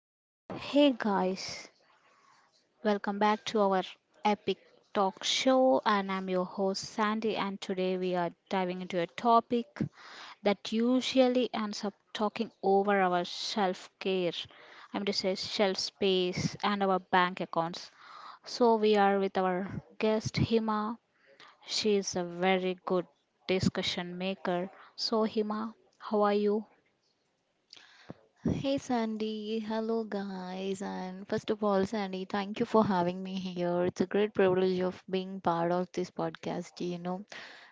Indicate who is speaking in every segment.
Speaker 1: So, hey guys, welcome back to our epic talk show, and I'm your host Sandy. And today we are diving into a topic that usually ends up talking over our self care, I'm to say shelf space, and our bank accounts. So, we are with our guest Hima. She is a very good discussion maker. So, Hima, how are you?
Speaker 2: Hey Sandy, hello guys, and first of all, Sandy, thank you for having me here. It's a great privilege of being part of this podcast.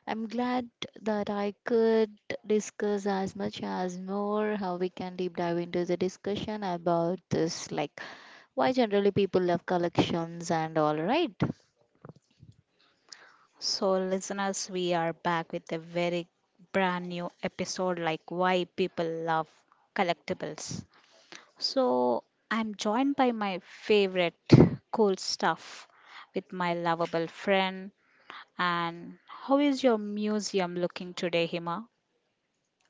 Speaker 2: I'm glad that I could discuss as much as more how we can deep dive into the discussion about this, like why generally people love collections and all, right?
Speaker 1: So, listeners, we are back with a very brand new episode like why people love collectibles. So, I'm joined by my favorite cool stuff with my lovable friend. And how is your museum looking today, Hima?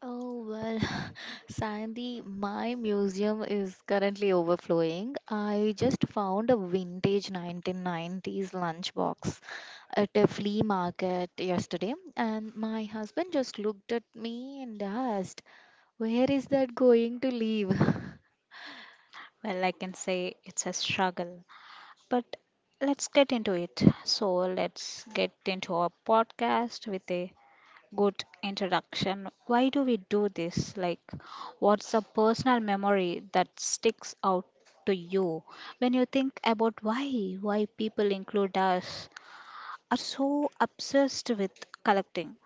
Speaker 2: Oh well, Sandy, my museum is currently overflowing. I just found a vintage 1990s lunchbox at a flea market yesterday, and my husband just looked at me and asked where is that going to leave.
Speaker 1: Well, I can say it's a struggle, but let's get into it. So, let's get into our podcast with a good introduction. Why do we do this? Like, what's a personal memory that sticks out to you when you think about why people include us are so obsessed with collecting?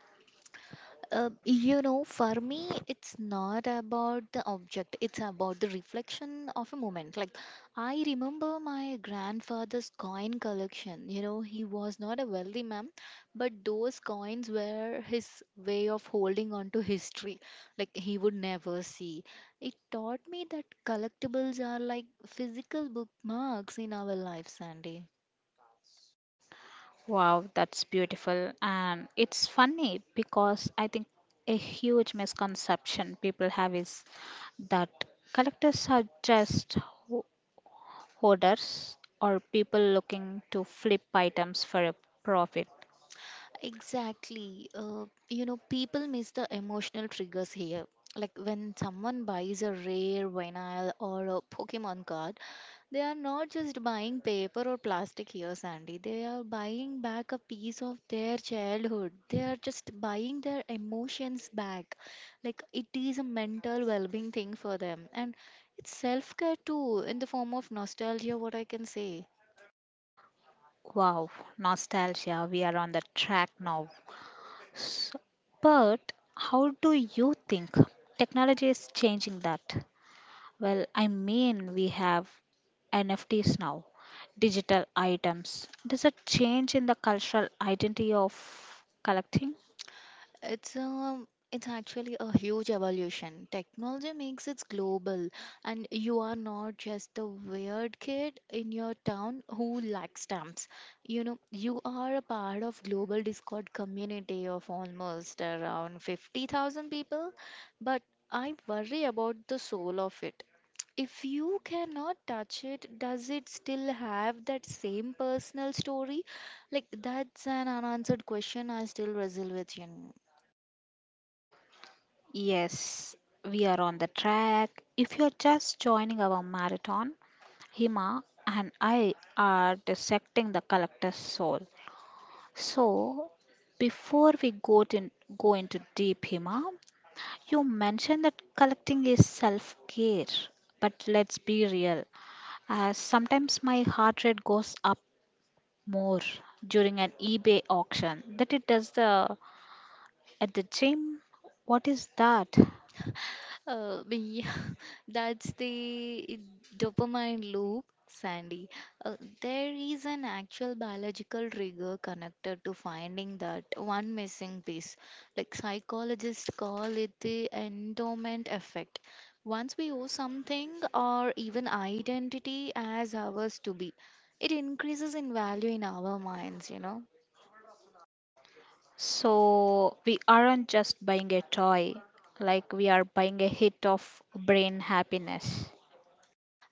Speaker 2: You know, for me, it's not about the object, it's about the reflection of a moment. Like, I remember my grandfather's coin collection. You know, he was not a wealthy man, but those coins were his way of holding on to history, like, he would never see. It taught me that collectibles are like physical bookmarks in our lives, Sandy.
Speaker 1: Wow, that's beautiful, and it's funny because I think a huge misconception people have is that collectors are just ho- hoarders or people looking to flip items for a profit.
Speaker 2: Exactly. You know, people miss the emotional triggers here. Like when someone buys a rare vinyl or a Pokemon card, they are not just buying paper or plastic here, Sandy. They are buying back a piece of their childhood. They are just buying their emotions back. Like it is a mental well being thing for them. And it's self care too, in the form of nostalgia, what I can say.
Speaker 1: Wow, nostalgia, we are on the track now. S- But how do you think technology is changing that? Well, I mean, we have NFTs now, digital items. Does it change in the cultural identity of collecting?
Speaker 2: It's actually a huge evolution. Technology makes it global, and you are not just the weird kid in your town who likes stamps. You know, you are a part of global Discord community of almost around 50,000 people, but I worry about the soul of it. If you cannot touch it, does it still have that same personal story? Like that's an unanswered question I still wrestle with, you know.
Speaker 1: Yes, we are on the track. If you're just joining our marathon, Hima and I are dissecting the collector's soul. So, before we go into deep, Hima, you mentioned that collecting is self-care, but let's be real. Sometimes my heart rate goes up more during an eBay auction that it does the at the gym. What is that?
Speaker 2: Yeah, that's the dopamine loop, Sandy. Uh, there is an actual biological trigger connected to finding that one missing piece. Like psychologists call it the endowment effect. Once we owe something or even identity as ours to be, it increases in value in our minds, you know.
Speaker 1: So we aren't just buying a toy, like we are buying a hit of brain happiness.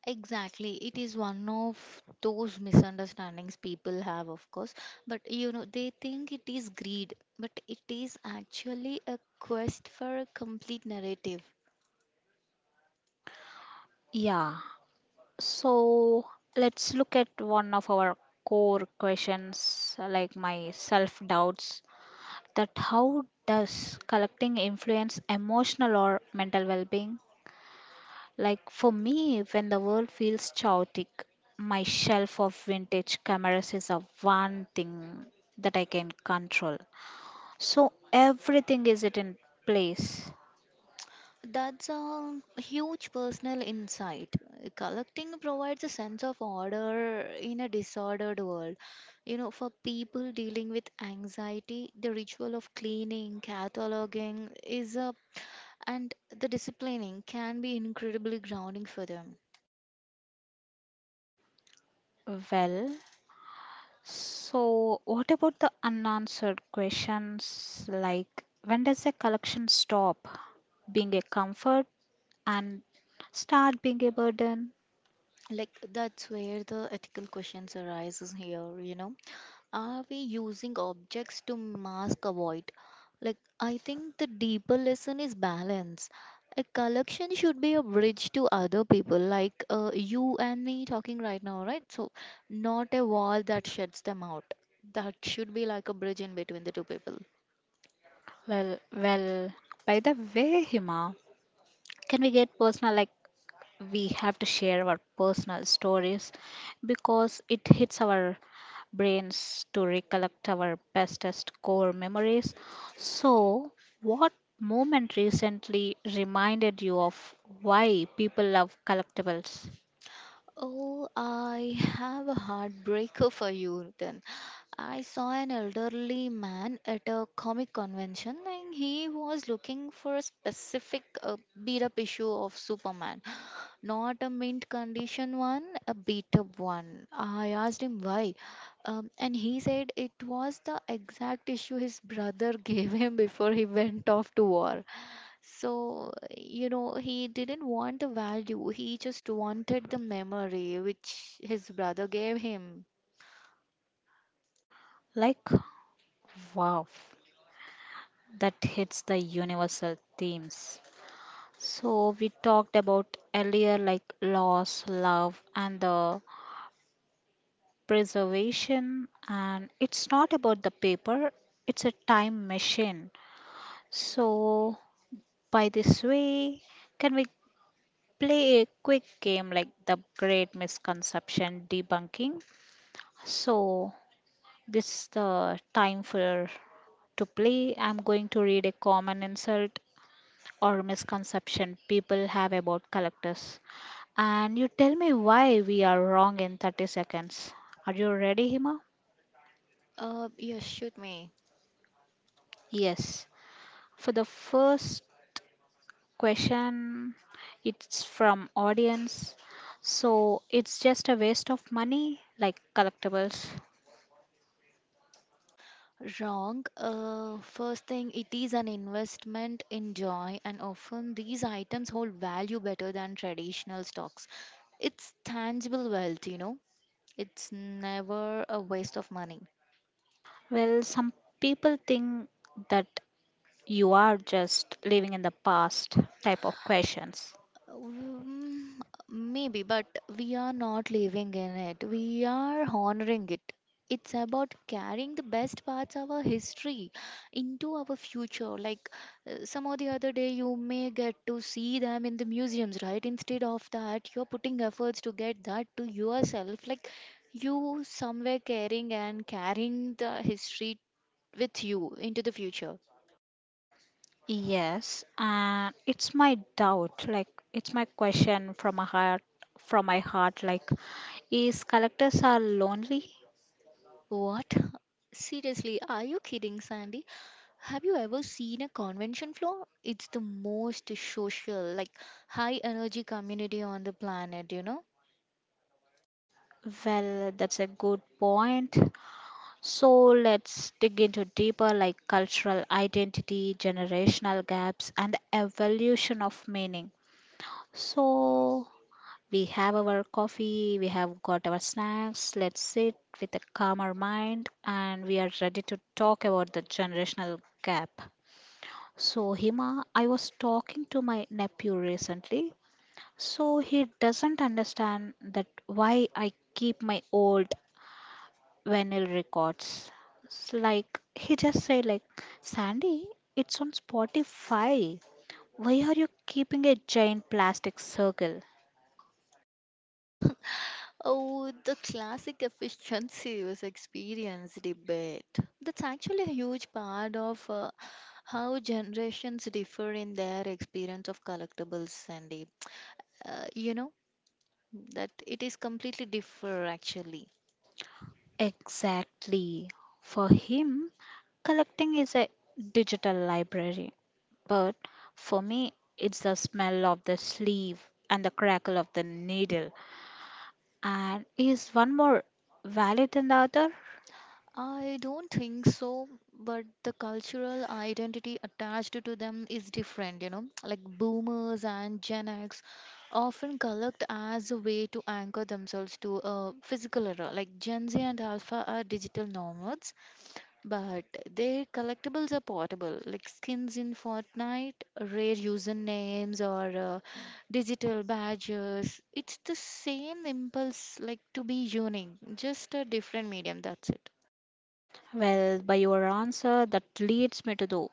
Speaker 2: Exactly. It is one of those misunderstandings people have, of course. But you know, they think it is greed, but it is actually a quest for a complete narrative.
Speaker 1: Yeah, so let's look at one of our core questions, like my self doubts. That how does collecting influence emotional or mental well being? Like for me, when the world feels chaotic, my shelf of vintage cameras is a one thing that I can control. So everything is it in place.
Speaker 2: That's a huge personal insight. Collecting provides a sense of order in a disordered world. You know, for people dealing with anxiety, the ritual of cleaning, cataloging is a and the disciplining can be incredibly grounding for them.
Speaker 1: Well, so, what about the unanswered questions like when does a collection stop being a comfort and start being a burden?
Speaker 2: Like that's where the ethical questions arises here, you know, are we using objects to mask a void, like I think the deeper lesson is balance. A collection should be a bridge to other people, like you and me talking right now, right? So not a wall that shuts them out. That should be like a bridge in between the two people.
Speaker 1: Well, by the way, Hima, can we get personal like we have to share our personal stories because it hits our brains to recollect our bestest core memories. So, what moment recently reminded you of why people love collectibles?
Speaker 2: Oh, I have a heartbreaker for you then. I saw an elderly man at a comic convention and he was looking for a specific beat up issue of Superman. Not a mint condition one, a beat up one. I asked him why, and he said it was the exact issue his brother gave him before he went off to war. So, you know, he didn't want the value, he just wanted the memory which his brother gave him.
Speaker 1: Like, wow, that hits the universal themes. So, we talked about earlier like loss, love, and the preservation, and it's not about the paper, it's a time machine. So, by this way, can we play a quick game like the great misconception debunking? So, this is the time for to play. I'm going to read a common insult or misconception people have about collectors and you tell me why we are wrong in 30 seconds. Are you ready, Hima?
Speaker 2: Yeah, shoot me.
Speaker 1: Yes. For the first question, it's from audience. So it's just a waste of money, like collectibles.
Speaker 2: Wrong. First thing, it is an investment in joy, and often these items hold value better than traditional stocks. It's tangible wealth, you know, it's never a waste of money.
Speaker 1: Well, some people think that you are just living in the past type of questions.
Speaker 2: Um, Maybe, but we are not living in it. We are honoring it. It's about carrying the best parts of our history into our future. Like some or the other day, you may get to see them in the museums, right? Instead of that, you're putting efforts to get that to yourself. Like you somewhere caring and carrying the history with you into the future.
Speaker 1: Yes, and it's my doubt, like it's my question from my heart, like is collectors are lonely?
Speaker 2: What? Seriously, are you kidding, Sandy? Have you ever seen a convention floor? It's the most social, like high energy community on the planet, you know?
Speaker 1: Well, that's a good point. So let's dig into deeper like cultural identity, generational gaps, and the evolution of meaning. So we have our coffee, we have got our snacks. Let's sit with a calmer mind and we are ready to talk about the generational gap. So, Hima, I was talking to my nephew recently. So, he doesn't understand that why I keep my old vinyl records. It's like he just said, like Sandy, it's on Spotify. Why are you keeping a giant plastic circle?
Speaker 2: Oh, the classic efficiency was experience debate. That's actually a huge part of how generations differ in their experience of collectibles, Sandeep. You know, that it is completely differ actually.
Speaker 1: Exactly. For him, collecting is a digital library, but for me, it's the smell of the sleeve and the crackle of the needle. And is one more valid than the other?
Speaker 2: I don't think so, but the cultural identity attached to them is different, you know. Like boomers and Gen X often collect as a way to anchor themselves to a physical era. Like Gen Z and Alpha are digital nomads, but their collectibles are portable, like skins in Fortnite, rare usernames, or digital badges. It's the same impulse, like to be unique, just a different medium. That's it.
Speaker 1: Well, by your answer, that leads me to the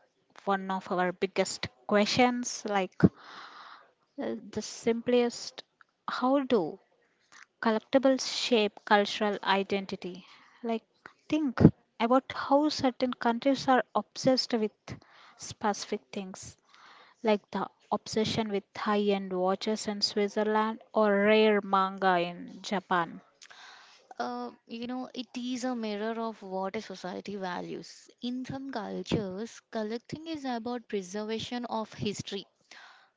Speaker 1: one of our biggest questions, like the simplest: how do collectibles shape cultural identity? Like, think about how certain countries are obsessed with specific things, like the obsession with high-end watches in Switzerland or rare manga in Japan.
Speaker 2: You know, it is a mirror of what a society values. In some cultures, collecting is about preservation of history,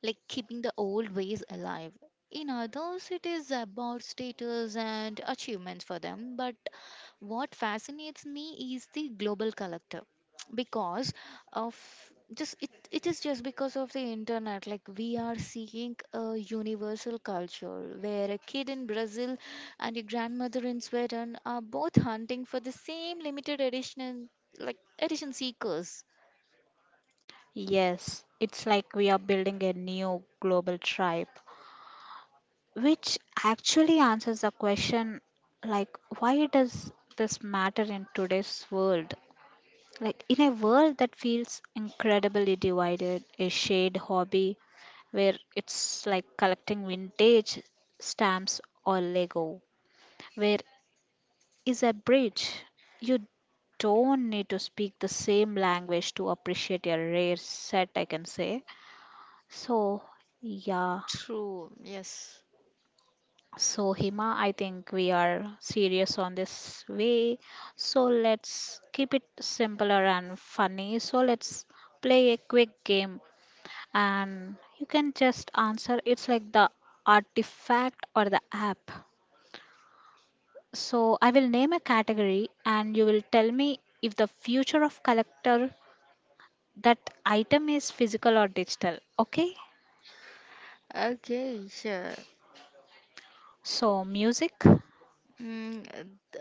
Speaker 2: like keeping the old ways alive. In others, it is about status and achievements for them. But what fascinates me is the global collective because of just it, is just because of the internet, like we are seeing a universal culture where a kid in Brazil and a grandmother in Sweden are both hunting for the same limited edition, like edition seekers.
Speaker 1: Yes, it's like we are building a new global tribe, which actually answers the question, like why does this matter in today's world? Like in a world that feels incredibly divided, a shade hobby where it's like collecting vintage stamps or lego, where is a bridge. You don't need to speak the same language to appreciate a rare set, I can say. So yeah.
Speaker 2: True, yes.
Speaker 1: So, Hima, I think we are serious on this way. So, let's keep it simpler and funny. So, let's play a quick game and you can just answer. It's like the artifact or the app. So, I will name a category and you will tell me if the future of collector that item is physical or digital. Okay?
Speaker 2: Okay, sure.
Speaker 1: So, music.
Speaker 2: Mm, uh, the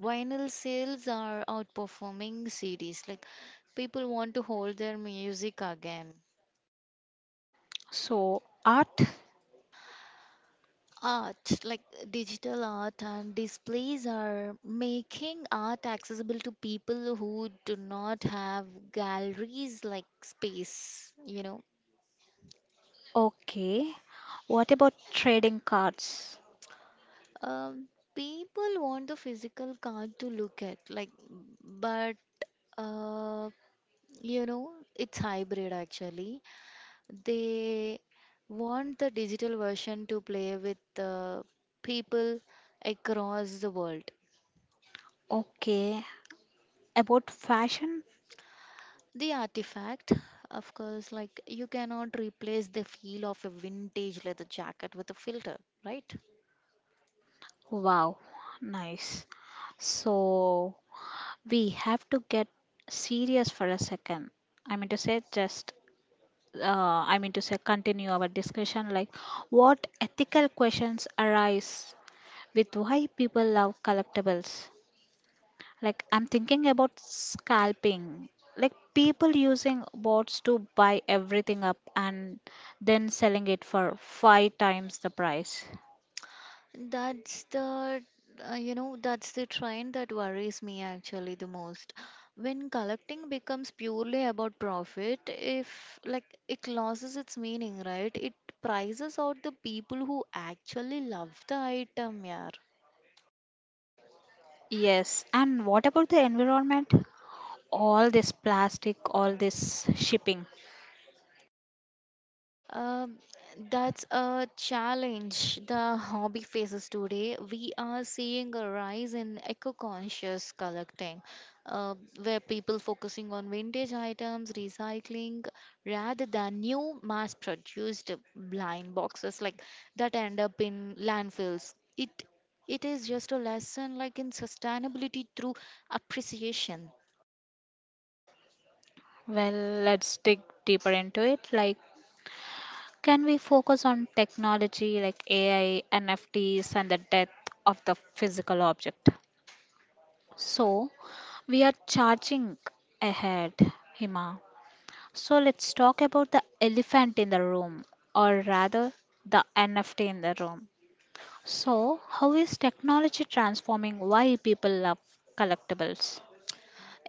Speaker 2: vinyl sales are outperforming CDs. Like people want to hold their music again.
Speaker 1: So, art.
Speaker 2: Art, like digital art and displays, are making art accessible to people who do not have galleries like space, you know.
Speaker 1: Okay. What about trading cards?
Speaker 2: Um, People want the physical card to look at, like, but uh, you know, it's hybrid actually. They want the digital version to play with the people across the world.
Speaker 1: Okay. About fashion?
Speaker 2: The artifact, of course, like you cannot replace the feel of a vintage leather jacket with a filter, right?
Speaker 1: Wow. Nice. So we have to get serious for a second. I mean to say, just, uh, I mean to say, continue our discussion like what ethical questions arise with why people love collectibles. Like I'm thinking about scalping. Like people using bots to buy everything up and then selling it for five times the price.
Speaker 2: That's the You know that's the trend that worries me actually the most. When collecting becomes purely about profit, if like it loses its meaning, right? It prices out the people who actually love the item, yeah.
Speaker 1: Yes, and what about the environment? All this plastic, all this shipping.
Speaker 2: Um, that's a challenge the hobby faces today. We are seeing a rise in eco-conscious collecting, uh, where people focusing on vintage items, recycling, rather than new mass-produced blind boxes like that end up in landfills. It is just a lesson like in sustainability through appreciation.
Speaker 1: Well, let's dig deeper into it. Like, can we focus on technology like AI, NFTs, and the death of the physical object? So, we are charging ahead, Hima. So let's talk about the elephant in the room, or rather, the NFT in the room. So, how is technology transforming why people love collectibles?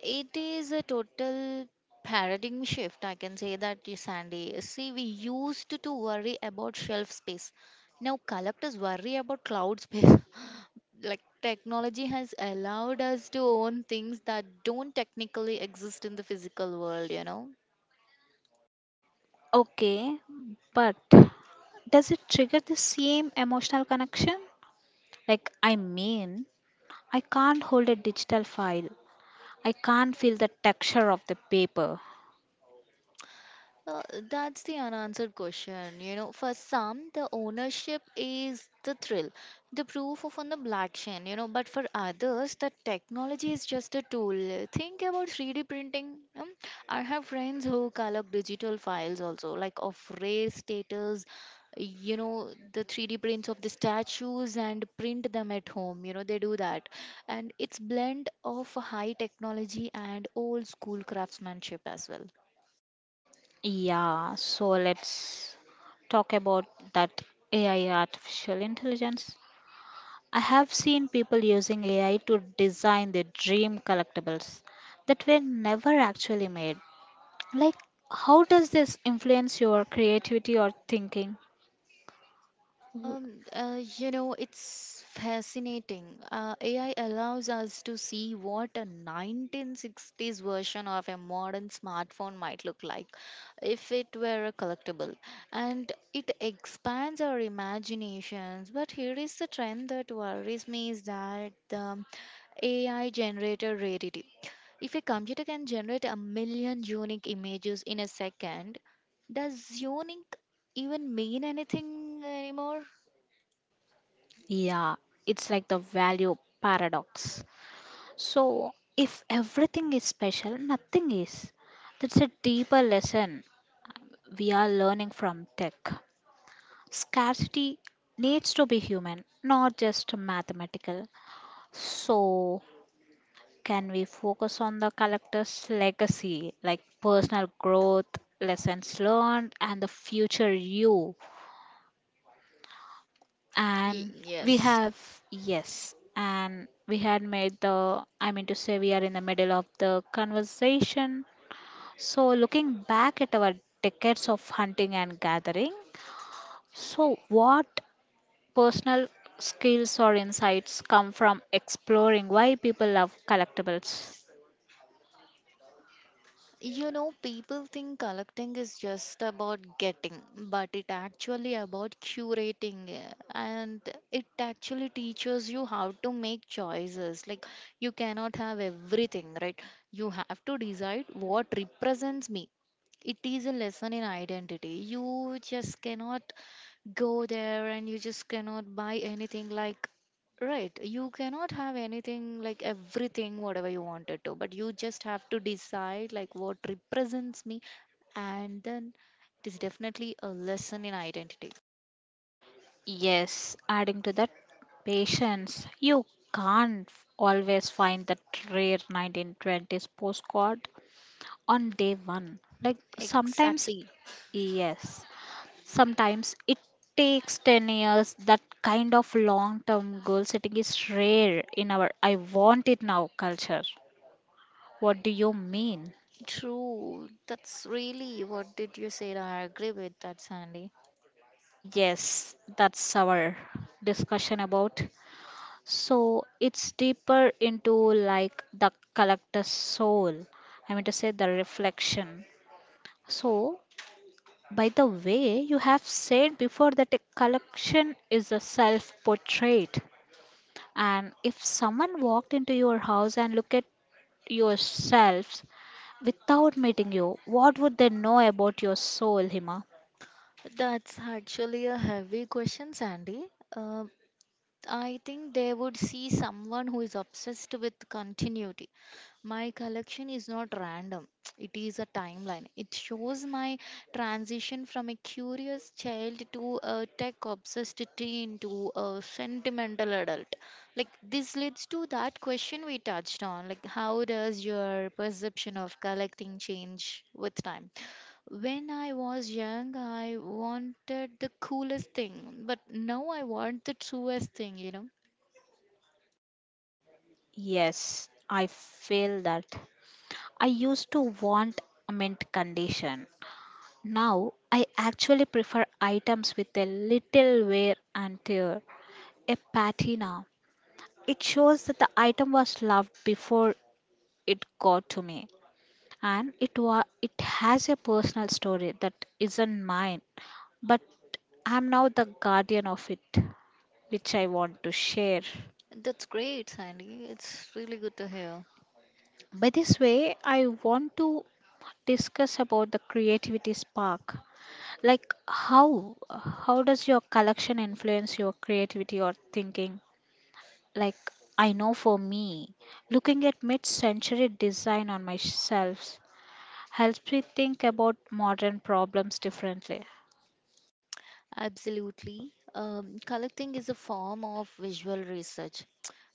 Speaker 2: It is a total paradigm shift, I can say that, Sandy. See, we used to worry about shelf space. Now, collectors worry about cloud space. Like, technology has allowed us to own things that don't technically exist in the physical world, you know?
Speaker 1: Okay, but does it trigger the same emotional connection? Like, I mean, I can't hold a digital file, I can't feel the texture of the paper.
Speaker 2: Uh, that's the unanswered question. You know, for some, the ownership is the thrill, the proof of on the black chain, you know, but for others, the technology is just a tool. Think about 3D printing. I have friends who collect digital files also, like of race status, you know, the 3D prints of the statues and print them at home. You know, they do that. And it's blend of high technology and old school craftsmanship as well.
Speaker 1: Yeah, so let's talk about that AI artificial intelligence. I have seen people using AI to design their dream collectibles that were never actually made. Like, how does this influence your creativity or thinking?
Speaker 2: You know, it's fascinating. AI allows us to see what a 1960s version of a modern smartphone might look like if it were a collectible. And it expands our imaginations. But here is the trend that worries me is that the AI generator rarity. If a computer can generate a million unique images in a second, does unique even mean anything anymore?
Speaker 1: Yeah, it's like the value paradox. So, if everything is special, nothing is. That's a deeper lesson we are learning from tech. Scarcity needs to be human, not just mathematical. So, can we focus on the collector's legacy, like personal growth, lessons learned, and the future you? And we
Speaker 2: Yes.
Speaker 1: have, yes, and we had made the, I mean to say, we are in the middle of the conversation. So, looking back at our decades of hunting and gathering, so what personal skills or insights come from exploring why people love collectibles?
Speaker 2: You know, people think collecting is just about getting, but it actually about curating, and it actually teaches you how to make choices. Like you cannot have everything, right? You have to decide what represents me. It is a lesson in identity. You just cannot go there and you just cannot buy anything, like, right, you cannot have anything like everything whatever you wanted to, but you just have to decide like what represents me, and then it is definitely a lesson in identity.
Speaker 1: Yes, adding to that patience, you can't always find that rare 1920s postcard on day one. Like sometimes,
Speaker 2: Exactly.
Speaker 1: yes, sometimes it takes 10 years. That kind of long term goal setting is rare in our I want it now culture. What do you mean?
Speaker 2: True, that's really what did you say, I agree with that, Sandy.
Speaker 1: Yes, that's our discussion about. So it's deeper into like the collector's soul. I mean to say the reflection. So by the way, you have said before that a collection is a self portrait. And if someone walked into your house and looked at yourselves without meeting you, what would they know about your soul, Hima?
Speaker 2: That's actually a heavy question, Sandy. Uh, I think they would see someone who is obsessed with continuity. My collection is not random, it is a timeline. It shows my transition from a curious child to a tech obsessed teen to a sentimental adult. Like, this leads to that question we touched on like, how does your perception of collecting change with time? When I was young, I wanted the coolest thing, but now I want the truest thing, you know.
Speaker 1: Yes, I feel that. I used to want a mint condition. Now, I actually prefer items with a little wear and tear, a patina. It shows that the item was loved before it got to me, and it has a personal story that isn't mine, but I'm now the guardian of it, which I want to share.
Speaker 2: That's great, Sandy. It's really good to hear.
Speaker 1: By this way, I want to discuss about the creativity spark. Like how does your collection influence your creativity or thinking? Like I know for me, looking at mid-century design on my shelves helps me think about modern problems differently.
Speaker 2: Absolutely. Collecting is a form of visual research.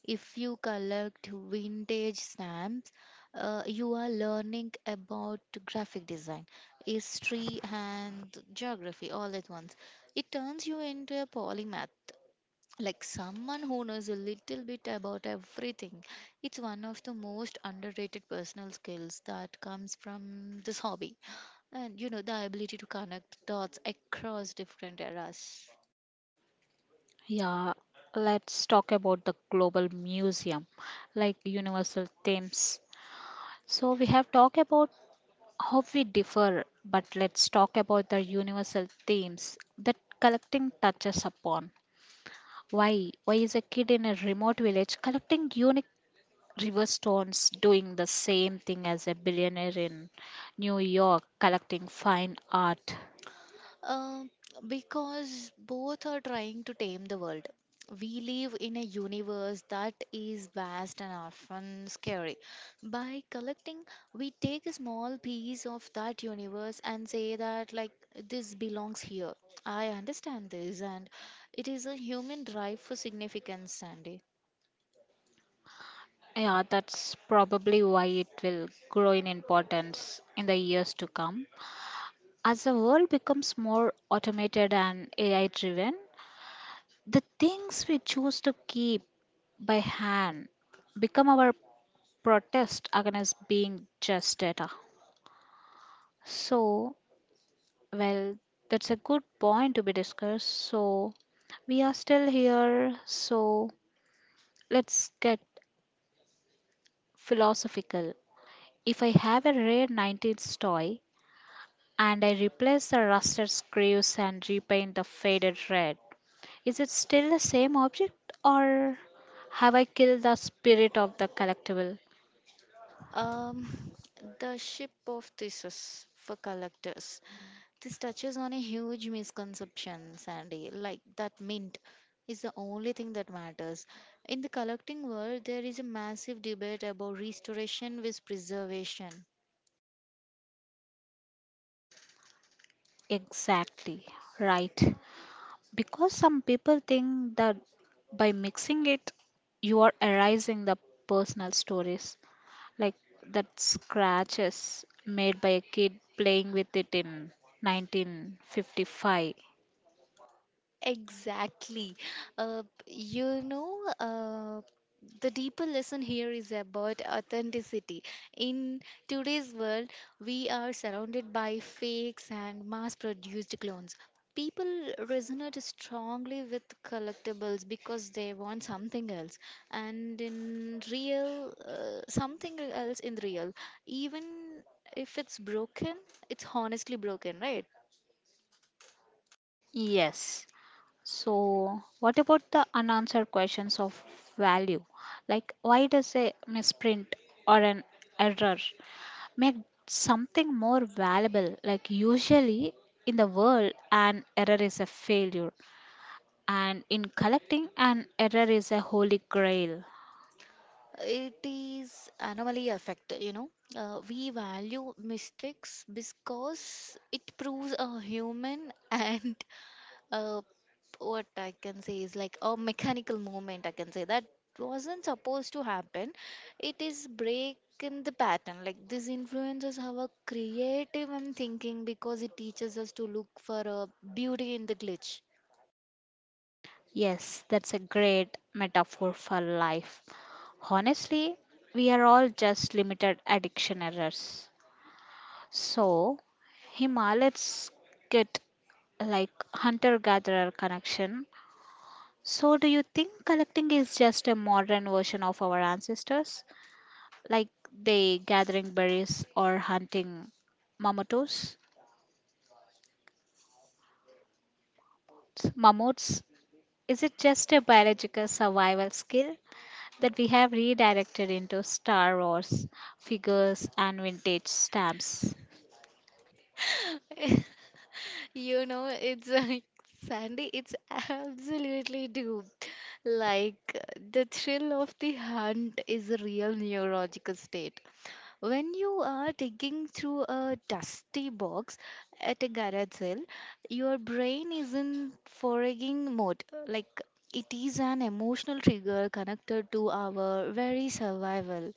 Speaker 2: If you collect vintage stamps, you are learning about graphic design, history, and geography all at once. It turns you into a polymath, like someone who knows a little bit about everything. It's one of the most underrated personal skills that comes from this hobby, and you know, the ability to connect dots across different eras.
Speaker 1: Yeah, let's talk about the global museum, like universal themes. So we have talked about how we differ, but let's talk about the universal themes that collecting touches upon. Why? Why is a kid in a remote village collecting unique river stones doing the same thing as a billionaire in New York collecting fine art?
Speaker 2: Uh, because both are trying to tame the world. We live in a universe that is vast and often scary. By collecting, we take a small piece of that universe and say that, like, this belongs here. I understand this, and it is a human drive for significance, Sandy.
Speaker 1: Yeah, that's probably why it will grow in importance in the years to come. As the world becomes more automated and AI driven, the things we choose to keep by hand become our protest against being just data. So, well, that's a good point to be discussed. So, we are still here, so let's get philosophical. If I have a rare 19th toy and I replace the rusted screws and repaint the faded red, is it still the same object or have I killed the spirit of the collectible?
Speaker 2: Um, the ship of thesis for collectors. This touches on a huge misconception, Sandy, like that mint is the only thing that matters. In the collecting world, there is a massive debate about restoration with preservation.
Speaker 1: Exactly, right. Because some people think that by mixing it, you are erasing the personal stories, like that scratches made by a kid playing with it in 1955.
Speaker 2: Exactly. Uh, you know, uh, the deeper lesson here is about authenticity. In today's world, we are surrounded by fakes and mass produced clones. People resonate strongly with collectibles because they want something else, and in real, something else in real, even if it's broken, it's honestly broken, right?
Speaker 1: Yes, so what about the unanswered questions of value, like why does a misprint or an error make something more valuable? Like usually in the world an error is a failure, and in collecting an error is a holy grail.
Speaker 2: It is anomaly effect, you know. We value mistakes because it proves a human and uh, what I can say is like a mechanical moment. I can say that wasn't supposed to happen. It is break in the pattern. Like this influences our creative and thinking because it teaches us to look for a beauty in the glitch.
Speaker 1: Yes, that's a great metaphor for life. Honestly, we are all just limited addiction errors. So, Hima, let's get like hunter gatherer connection. So, do you think collecting is just a modern version of our ancestors? Like they gathering berries or hunting mammoths? Mammoths? Is it just a biological survival skill? That we have redirected into Star Wars figures and vintage stamps.
Speaker 2: You know, it's like, Sandy, it's absolutely true. Like, the thrill of the hunt is a real neurological state. When you are digging through a dusty box at a garage sale, your brain is in foraging mode. Like, it is an emotional trigger connected to our very survival.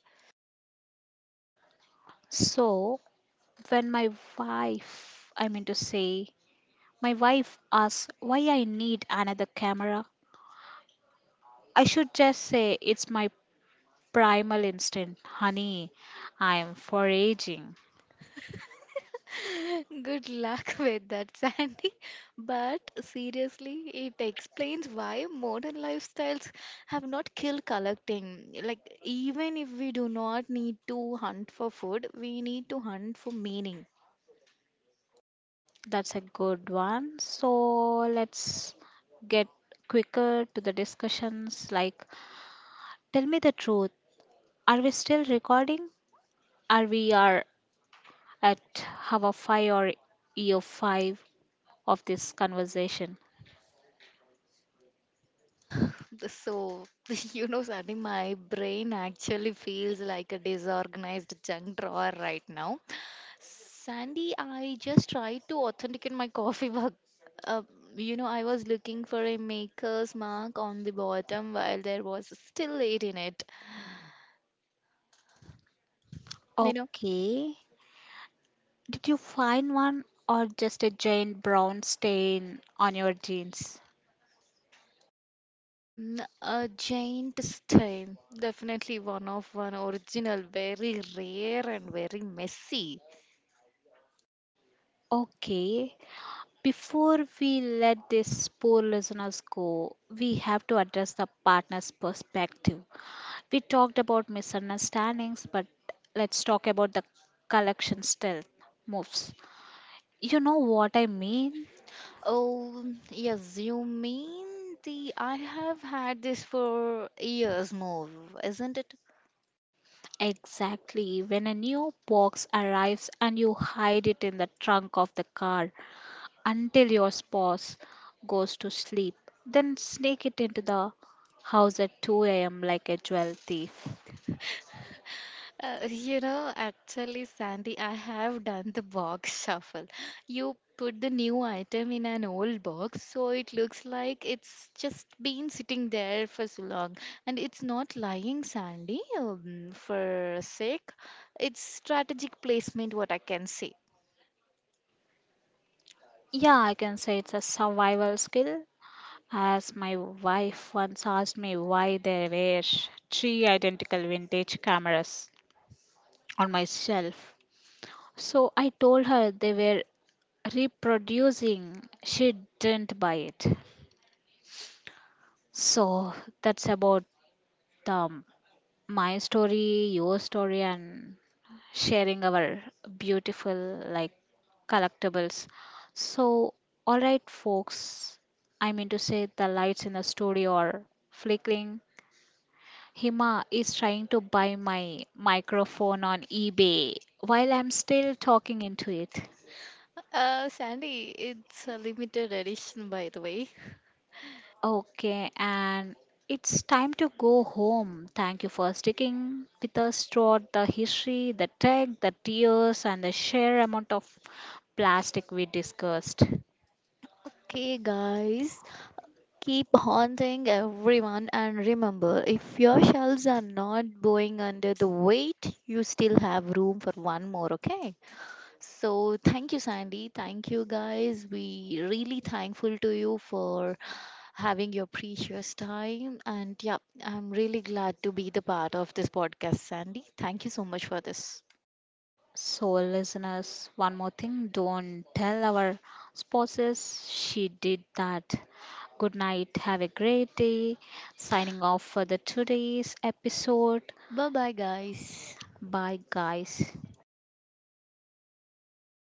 Speaker 1: So, when my wife, I mean to say, my wife asks why I need another camera, I should just say it's my primal instinct, honey, I'm foraging.
Speaker 2: Good luck with that, Sandy. But seriously, it explains why modern lifestyles have not killed collecting. Like, even if we do not need to hunt for food, we need to hunt for meaning.
Speaker 1: That's a good one. So, let's get quicker to the discussions like tell me the truth. Are we still recording? Are we are at hour 5 or year 5 of this conversation?
Speaker 2: So, you know, Sandy, my brain actually feels like a disorganized junk drawer right now. Sandy, I just tried to authenticate my coffee mug. Uh, you know, I was looking for a maker's mark on the bottom while there was still late in it. You know,
Speaker 1: Okay. Did you find one or just a giant brown stain on your jeans?
Speaker 2: a giant stain. Definitely one of one original, very rare and very messy.
Speaker 1: Okay. Before we let these poor listeners go, we have to address the partner's perspective. We talked about misunderstandings, but let's talk about the collection stealth moves. You know what I mean?
Speaker 2: Oh, yes, you mean the I have had this for years more, isn't it?
Speaker 1: Exactly. When a new box arrives and you hide it in the trunk of the car until your spouse goes to sleep, then sneak it into the house at 2 a.m. like a jewel thief.
Speaker 2: You know, actually, Sandy, I have done the box shuffle. You put the new item in an old box, so it looks like it's just been sitting there for so long. And it's not lying, Sandy, for sake. It's strategic placement, what I can say.
Speaker 1: Yeah, I can say it's a survival skill. As my wife once asked me why there were three identical vintage cameras on my shelf. So I told her they were reproducing. She didn't buy it. So that's about um, my story, your story, and sharing our beautiful like collectibles. So, all right, folks. I mean to say the lights in the studio are flickering. Hima is trying to buy my microphone on eBay while I'm still talking into it.
Speaker 2: Sandy, it's a limited edition, by the way.
Speaker 1: Okay, and it's time to go home. Thank you for sticking with us throughout the history, the tech, the tears, and the sheer amount of plastic we discussed.
Speaker 2: Okay, guys. Keep haunting everyone and remember if your shelves are not going under the weight, you still have room for one more, okay? So thank you, Sandy. Thank you guys. We really thankful to you for having your precious time. And yeah, I'm really glad to be the part of this podcast, Sandy. Thank you so much for this.
Speaker 1: So, listeners, one more thing don't tell our spouses she did that. Good night, have a great day. Signing off for the today's episode.
Speaker 2: Bye bye guys.
Speaker 1: Bye, guys.